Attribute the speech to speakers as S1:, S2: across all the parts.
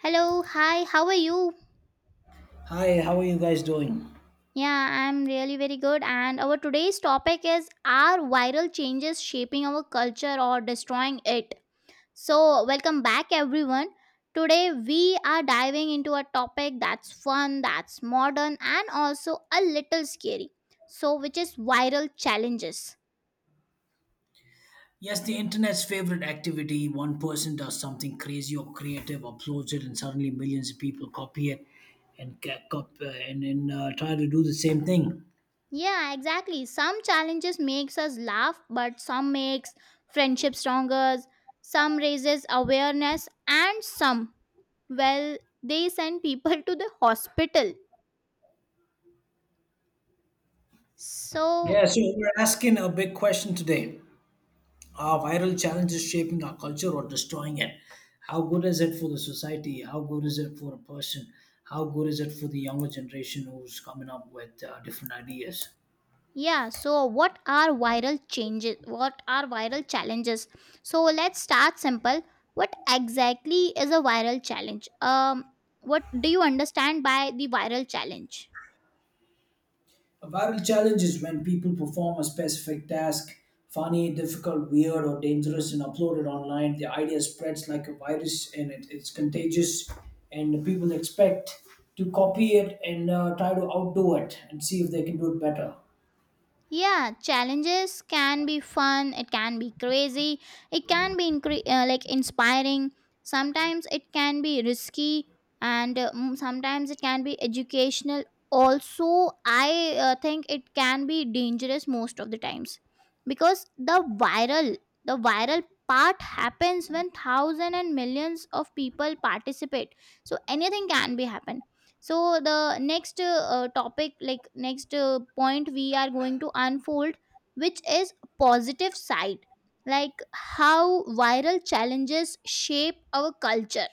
S1: Hello, hi, how are you?
S2: Hi, how are you guys doing?
S1: Yeah, I'm really very good. And our today's topic is, are viral changes shaping our culture or destroying it? Welcome back, everyone. Today, we are diving into a topic that's fun, that's modern, and also a little scary. Which is viral challenges.
S2: Yes, the internet's favorite activity. One person does something crazy or creative, uploads it, and suddenly millions of people copy it and ca- cop- and try to do the same thing.
S1: Yeah, exactly. Some challenges makes us laugh, but some makes friendship stronger, some raises awareness and some well, they send people to the hospital. So,
S2: Yeah, so we're asking a big question today. Are viral challenges shaping our culture or destroying it? How good is it for the society? How good is it for a person? How good is it for the younger generation who's coming up with different ideas?
S1: yeah, so what are viral changes? What are viral challenges? Let's start simple. What exactly is a viral challenge? What do you understand by the viral challenge?
S2: A viral challenge is when people perform a specific task, funny, difficult, weird, or dangerous, and upload it online. The idea spreads like a virus and it's contagious, and the people expect to copy it and try to outdo it and see if they can do it better.
S1: Yeah, challenges can be fun, it can be crazy, it can be like inspiring, sometimes it can be risky, and sometimes it can be educational also. I think it can be dangerous most of the times, because the viral, the viral part happens when thousands and millions of people participate, so anything can be happen. So the next topic like next point we are going to unfold, which is positive side, like how viral challenges shape our culture.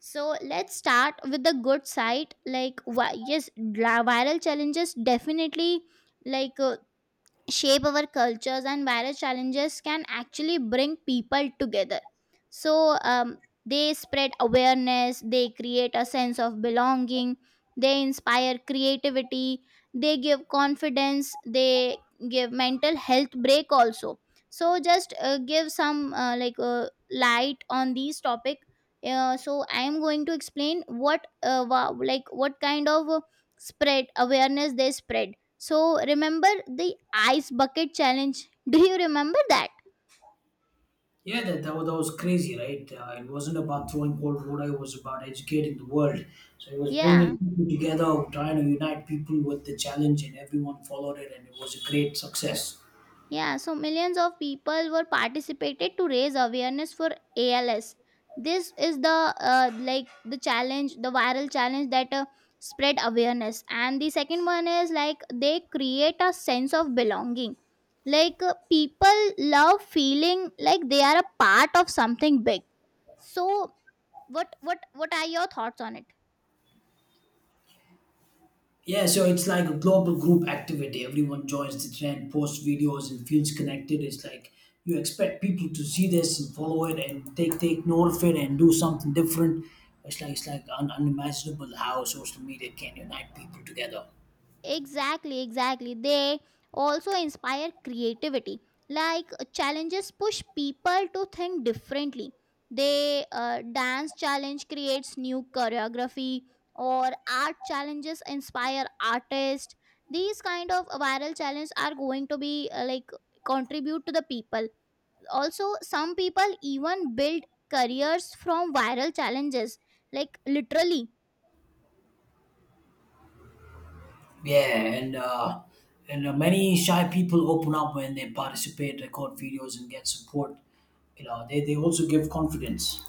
S1: So let's start with the good side. Like, why, yes, viral challenges definitely like uh, shape our cultures, and various challenges can actually bring people together. So they spread awareness, they create a sense of belonging, they inspire creativity, they give confidence, they give mental health break also. So just give some light on these topic. So I am going to explain what like what kind of spread awareness they spread. So remember the ice bucket challenge. Do you remember that?
S2: Yeah, that was crazy, right? It wasn't about throwing cold water, it was about educating the world. So it was bringing
S1: Yeah.
S2: people together, trying to unite people with the challenge, and everyone followed it, and it was a great success.
S1: Yeah, so millions of people were participated to raise awareness for ALS. This is the like the challenge, the viral challenge that spread awareness. And the second one is like they create a sense of belonging. People love feeling like they are a part of something big. So what are your thoughts on it?
S2: Yeah, so it's like a global group activity. Everyone joins the trend, posts videos, and feels connected. It's like you expect people to see this and follow it and take note of it and do something different. It's like unimaginable how social media can unite people together.
S1: Exactly, exactly. They also inspire creativity. Challenges push people to think differently. They dance challenge creates new choreography, or art challenges inspire artists. These kind of viral challenges are going to be like contribute to the people. Also, some people even build careers from viral challenges. Like literally,
S2: Yeah, and many shy people open up when they participate, record videos, and get support. You know, they also give confidence.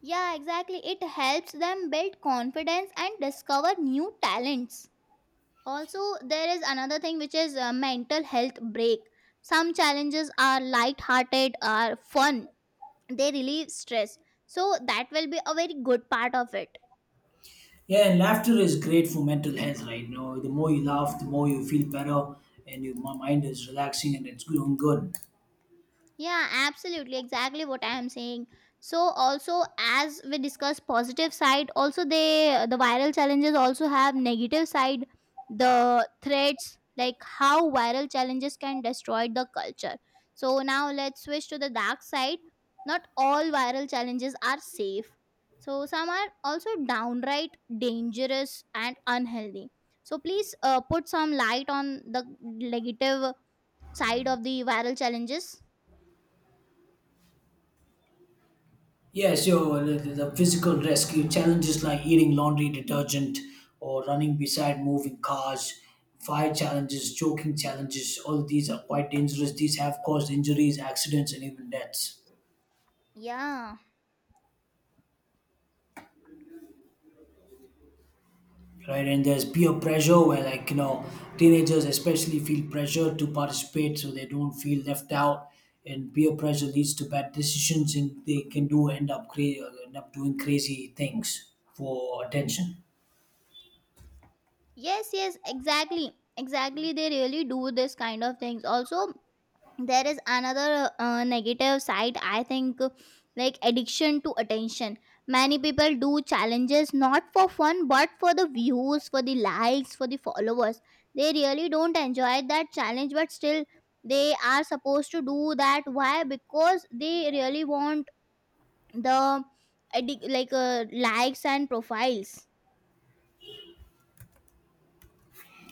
S1: yeah, exactly. It helps them build confidence and discover new talents. Also, there is another thing which is a mental health break. Some challenges are light-hearted, are fun. They relieve stress. So that will be a very good part of it.
S2: Yeah, and laughter is great for mental health, right? You know, the more you laugh, the more you feel better, and your mind is relaxing and it's doing good.
S1: Yeah, absolutely. Exactly what I am saying. So also as we discuss positive side, also the viral challenges also have negative side, the threats, like how viral challenges can destroy the culture. So now let's switch to the dark side. Not all viral challenges are safe. So some are also downright dangerous and unhealthy. So please put some light on the negative side of the viral challenges.
S2: Yeah, so the physical rescue challenges like eating laundry detergent or running beside moving cars, fire challenges, choking challenges, all of these are quite dangerous. These have caused injuries, accidents, and even deaths.
S1: Yeah.
S2: Right, and there's peer pressure where, like, you know, teenagers especially feel pressure to participate so they don't feel left out, and peer pressure leads to bad decisions, and they can do end up cra- end up doing crazy things for attention.
S1: Yes, yes, exactly. Exactly. They really do this kind of things. Also, there is another negative side, I think, like addiction to attention. Many people do challenges not for fun, but for the views, for the likes, for the followers. They really don't enjoy that challenge, but still, they are supposed to do that. Why? Because they really want the likes and profiles.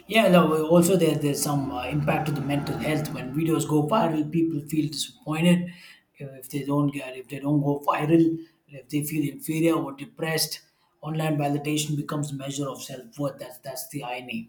S2: Yeah, no, also there's some impact to the mental health. When videos go viral, people feel disappointed if they don't get, if they don't go viral, if they feel inferior or depressed. Online validation becomes a measure of self-worth. That's the irony.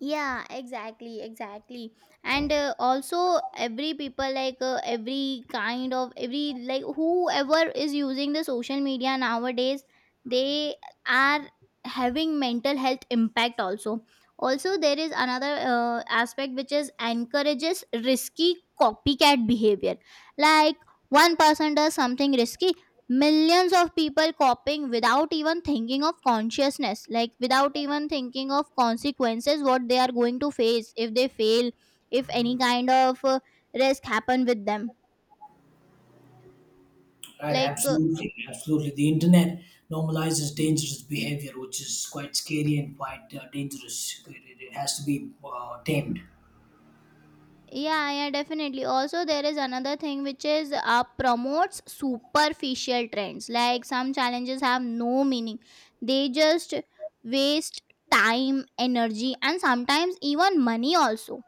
S1: Yeah, exactly, exactly. And also every people every kind of every like whoever is using the social media nowadays, they are having mental health impact also. Also there is another aspect, which is encourages risky copycat behavior, like one person does something risky, millions of people copying without even thinking of consciousness, like without even thinking of consequences, what they are going to face if they fail, if any kind of risk happen with them.
S2: Right,
S1: like uh,
S2: absolutely, absolutely. The internet normalizes dangerous behavior, which is quite scary and quite dangerous. It has to be tamed.
S1: yeah, yeah, definitely. Also there is another thing, which is promotes superficial trends. Like some challenges have no meaning, they just waste time, energy, and sometimes even money also.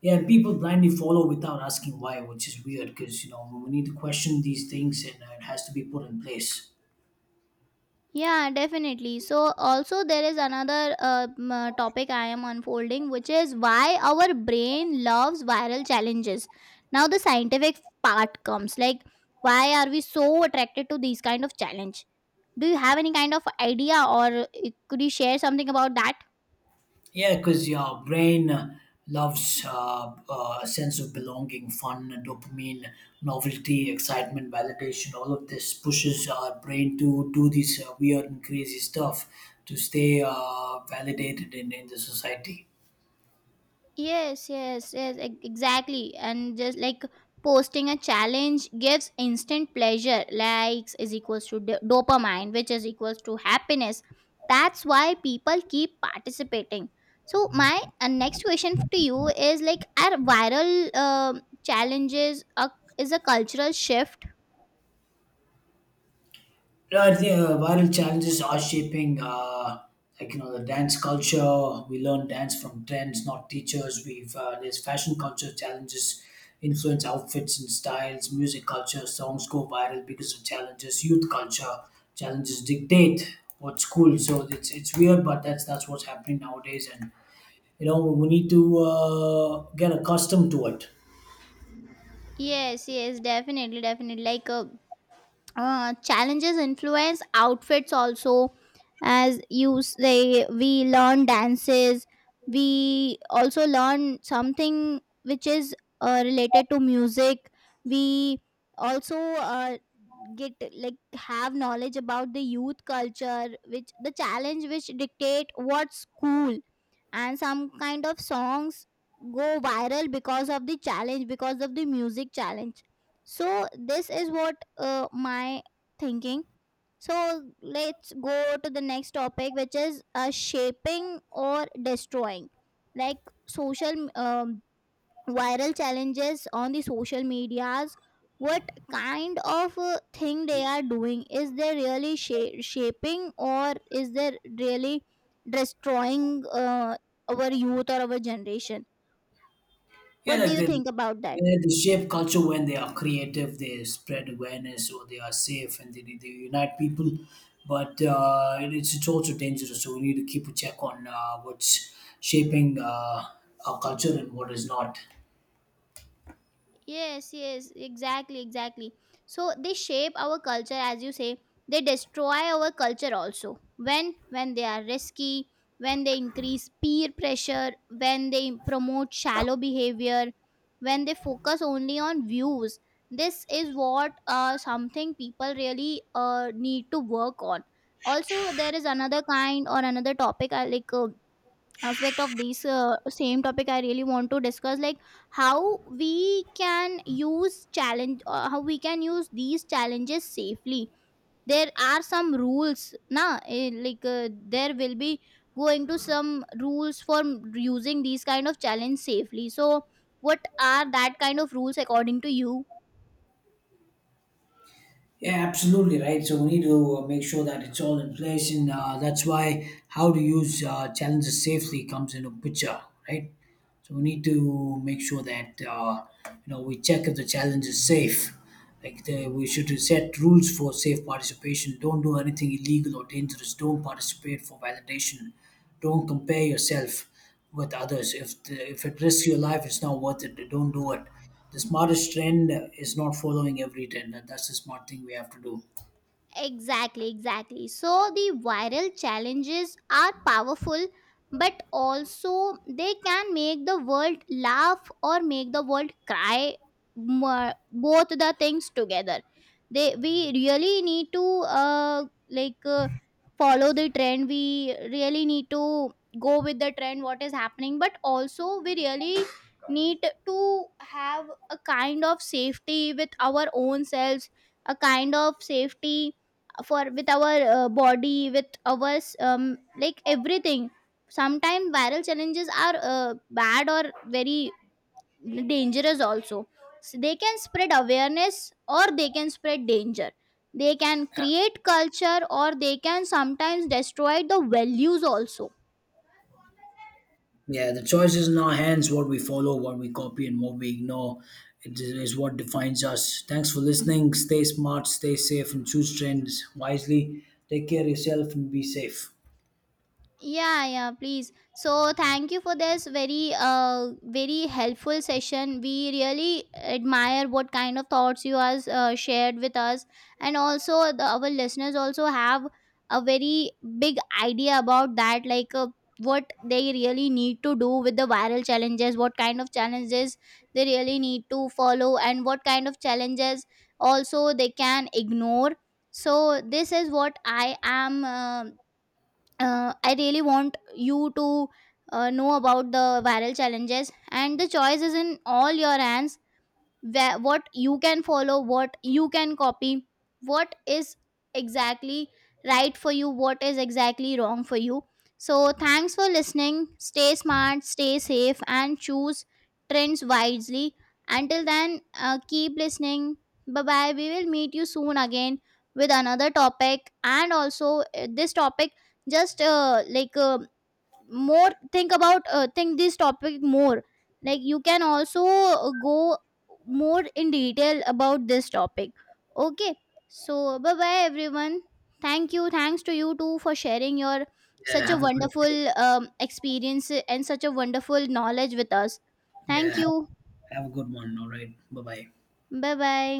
S2: Yeah, and people blindly follow without asking why, which is weird, because you know we need to question these things, and it has to be put in place.
S1: Yeah, definitely. So, also, there is another topic I am unfolding, which is why our brain loves viral challenges. Now, the scientific part comes, like, why are we so attracted to these kind of challenge? Do you have any kind of idea, or could you share something about that?
S2: Yeah, because your brain loves sense of belonging, fun, dopamine, novelty, excitement, validation. All of this pushes our brain to do these weird and crazy stuff to stay validated in the society.
S1: Yes, yes, yes, exactly. And just like, posting a challenge gives instant pleasure. Likes is equals to dopamine, which is equals to happiness. That's why people keep participating. So my next question to you is, like, are viral challenges is a cultural shift?
S2: Yeah, I think, viral challenges are shaping, like you know, the dance culture. We learn dance from trends, not teachers. We've there's fashion culture challenges, influence outfits and styles. Music culture, songs go viral because of challenges. Youth culture challenges dictate what's cool. So it's weird, but that's what's happening nowadays, and you know we need to get accustomed to it.
S1: Yes, yes, definitely, definitely. Challenges influence outfits also, as you say, we learn dances, we also learn something which is related to music. We also get like, have knowledge about the youth culture, which the challenge which dictate what's cool, and some kind of songs go viral because of the challenge, because of the music challenge. So this is what my thinking. So let's go to the next topic, which is shaping or destroying, like social viral challenges on the social medias. What kind of thing they are doing, is they really shaping, or is they really destroying our youth or our generation?
S2: Yeah,
S1: What do
S2: like
S1: you think about that?
S2: yeah, they shape culture when they are creative, they spread awareness, or they are safe, and they unite people. But it's also dangerous, so we need to keep a check on what's shaping our culture and what is not.
S1: Yes, yes, exactly, exactly. So they shape our culture, as you say. They destroy our culture also. When they are risky, when they increase peer pressure, when they promote shallow behavior, when they focus only on views. This is what something people really need to work on. Also, there is another kind or another topic, I aspect of this same topic I really want to discuss. Like, how we can use challenge, how we can use these challenges safely. There are some rules now, like uh, there will be going to some rules for using these kind of challenge safely. So what are that kind of rules, according to you?
S2: Yeah, absolutely right. So we need to make sure that it's all in place, and that's why how to use challenges safely comes into picture, right? So we need to make sure that you know we check if the challenge is safe. Like we should set rules for safe participation. Don't do anything illegal or dangerous. Don't participate for validation. Don't compare yourself with others. If it risks your life, it's not worth it. Don't do it. The smartest trend is not following every trend. That's the smart thing we have to do.
S1: Exactly, exactly. So the viral challenges are powerful, but also they can make the world laugh or make the world cry. Both the things together. They we really need to uh like uh, follow the trend. We really need to go with the trend. What is happening? But also we really need to have a kind of safety with our own selves. A kind of safety for, with our body, with our like everything. Sometimes viral challenges are bad or very dangerous also. So they can spread awareness or they can spread danger, they can create culture or they can sometimes destroy the values also.
S2: Yeah, the choice is in our hands, what we follow, what we copy, and what we ignore. It is what defines us. Thanks for listening. Stay smart, stay safe, and choose trends wisely. Take care of yourself and be safe.
S1: Yeah, yeah, please. So thank you for this very very helpful session. We really admire what kind of thoughts you has shared with us. And also our listeners also have a very big idea about that, what they really need to do with the viral challenges, what kind of challenges they really need to follow, and what kind of challenges also they can ignore. So this is what I really want you to know about the viral challenges, and the choice is in all your hands, where what you can follow, what you can copy, what is exactly right for you, what is exactly wrong for you. So thanks for listening, stay smart, stay safe, and choose trends wisely. Until then, keep listening. Bye bye. We will meet you soon again with another topic. And also this topic, just more think about, think this topic more, like you can also go more in detail about this topic. Okay. So bye bye everyone. Thank you. Thanks to you too for sharing your
S2: Yeah,
S1: such a
S2: have a great day.
S1: wonderful experience, and such a wonderful knowledge with us. Thank
S2: Yeah,
S1: you.
S2: have a good one. All right. Bye bye.
S1: Bye bye.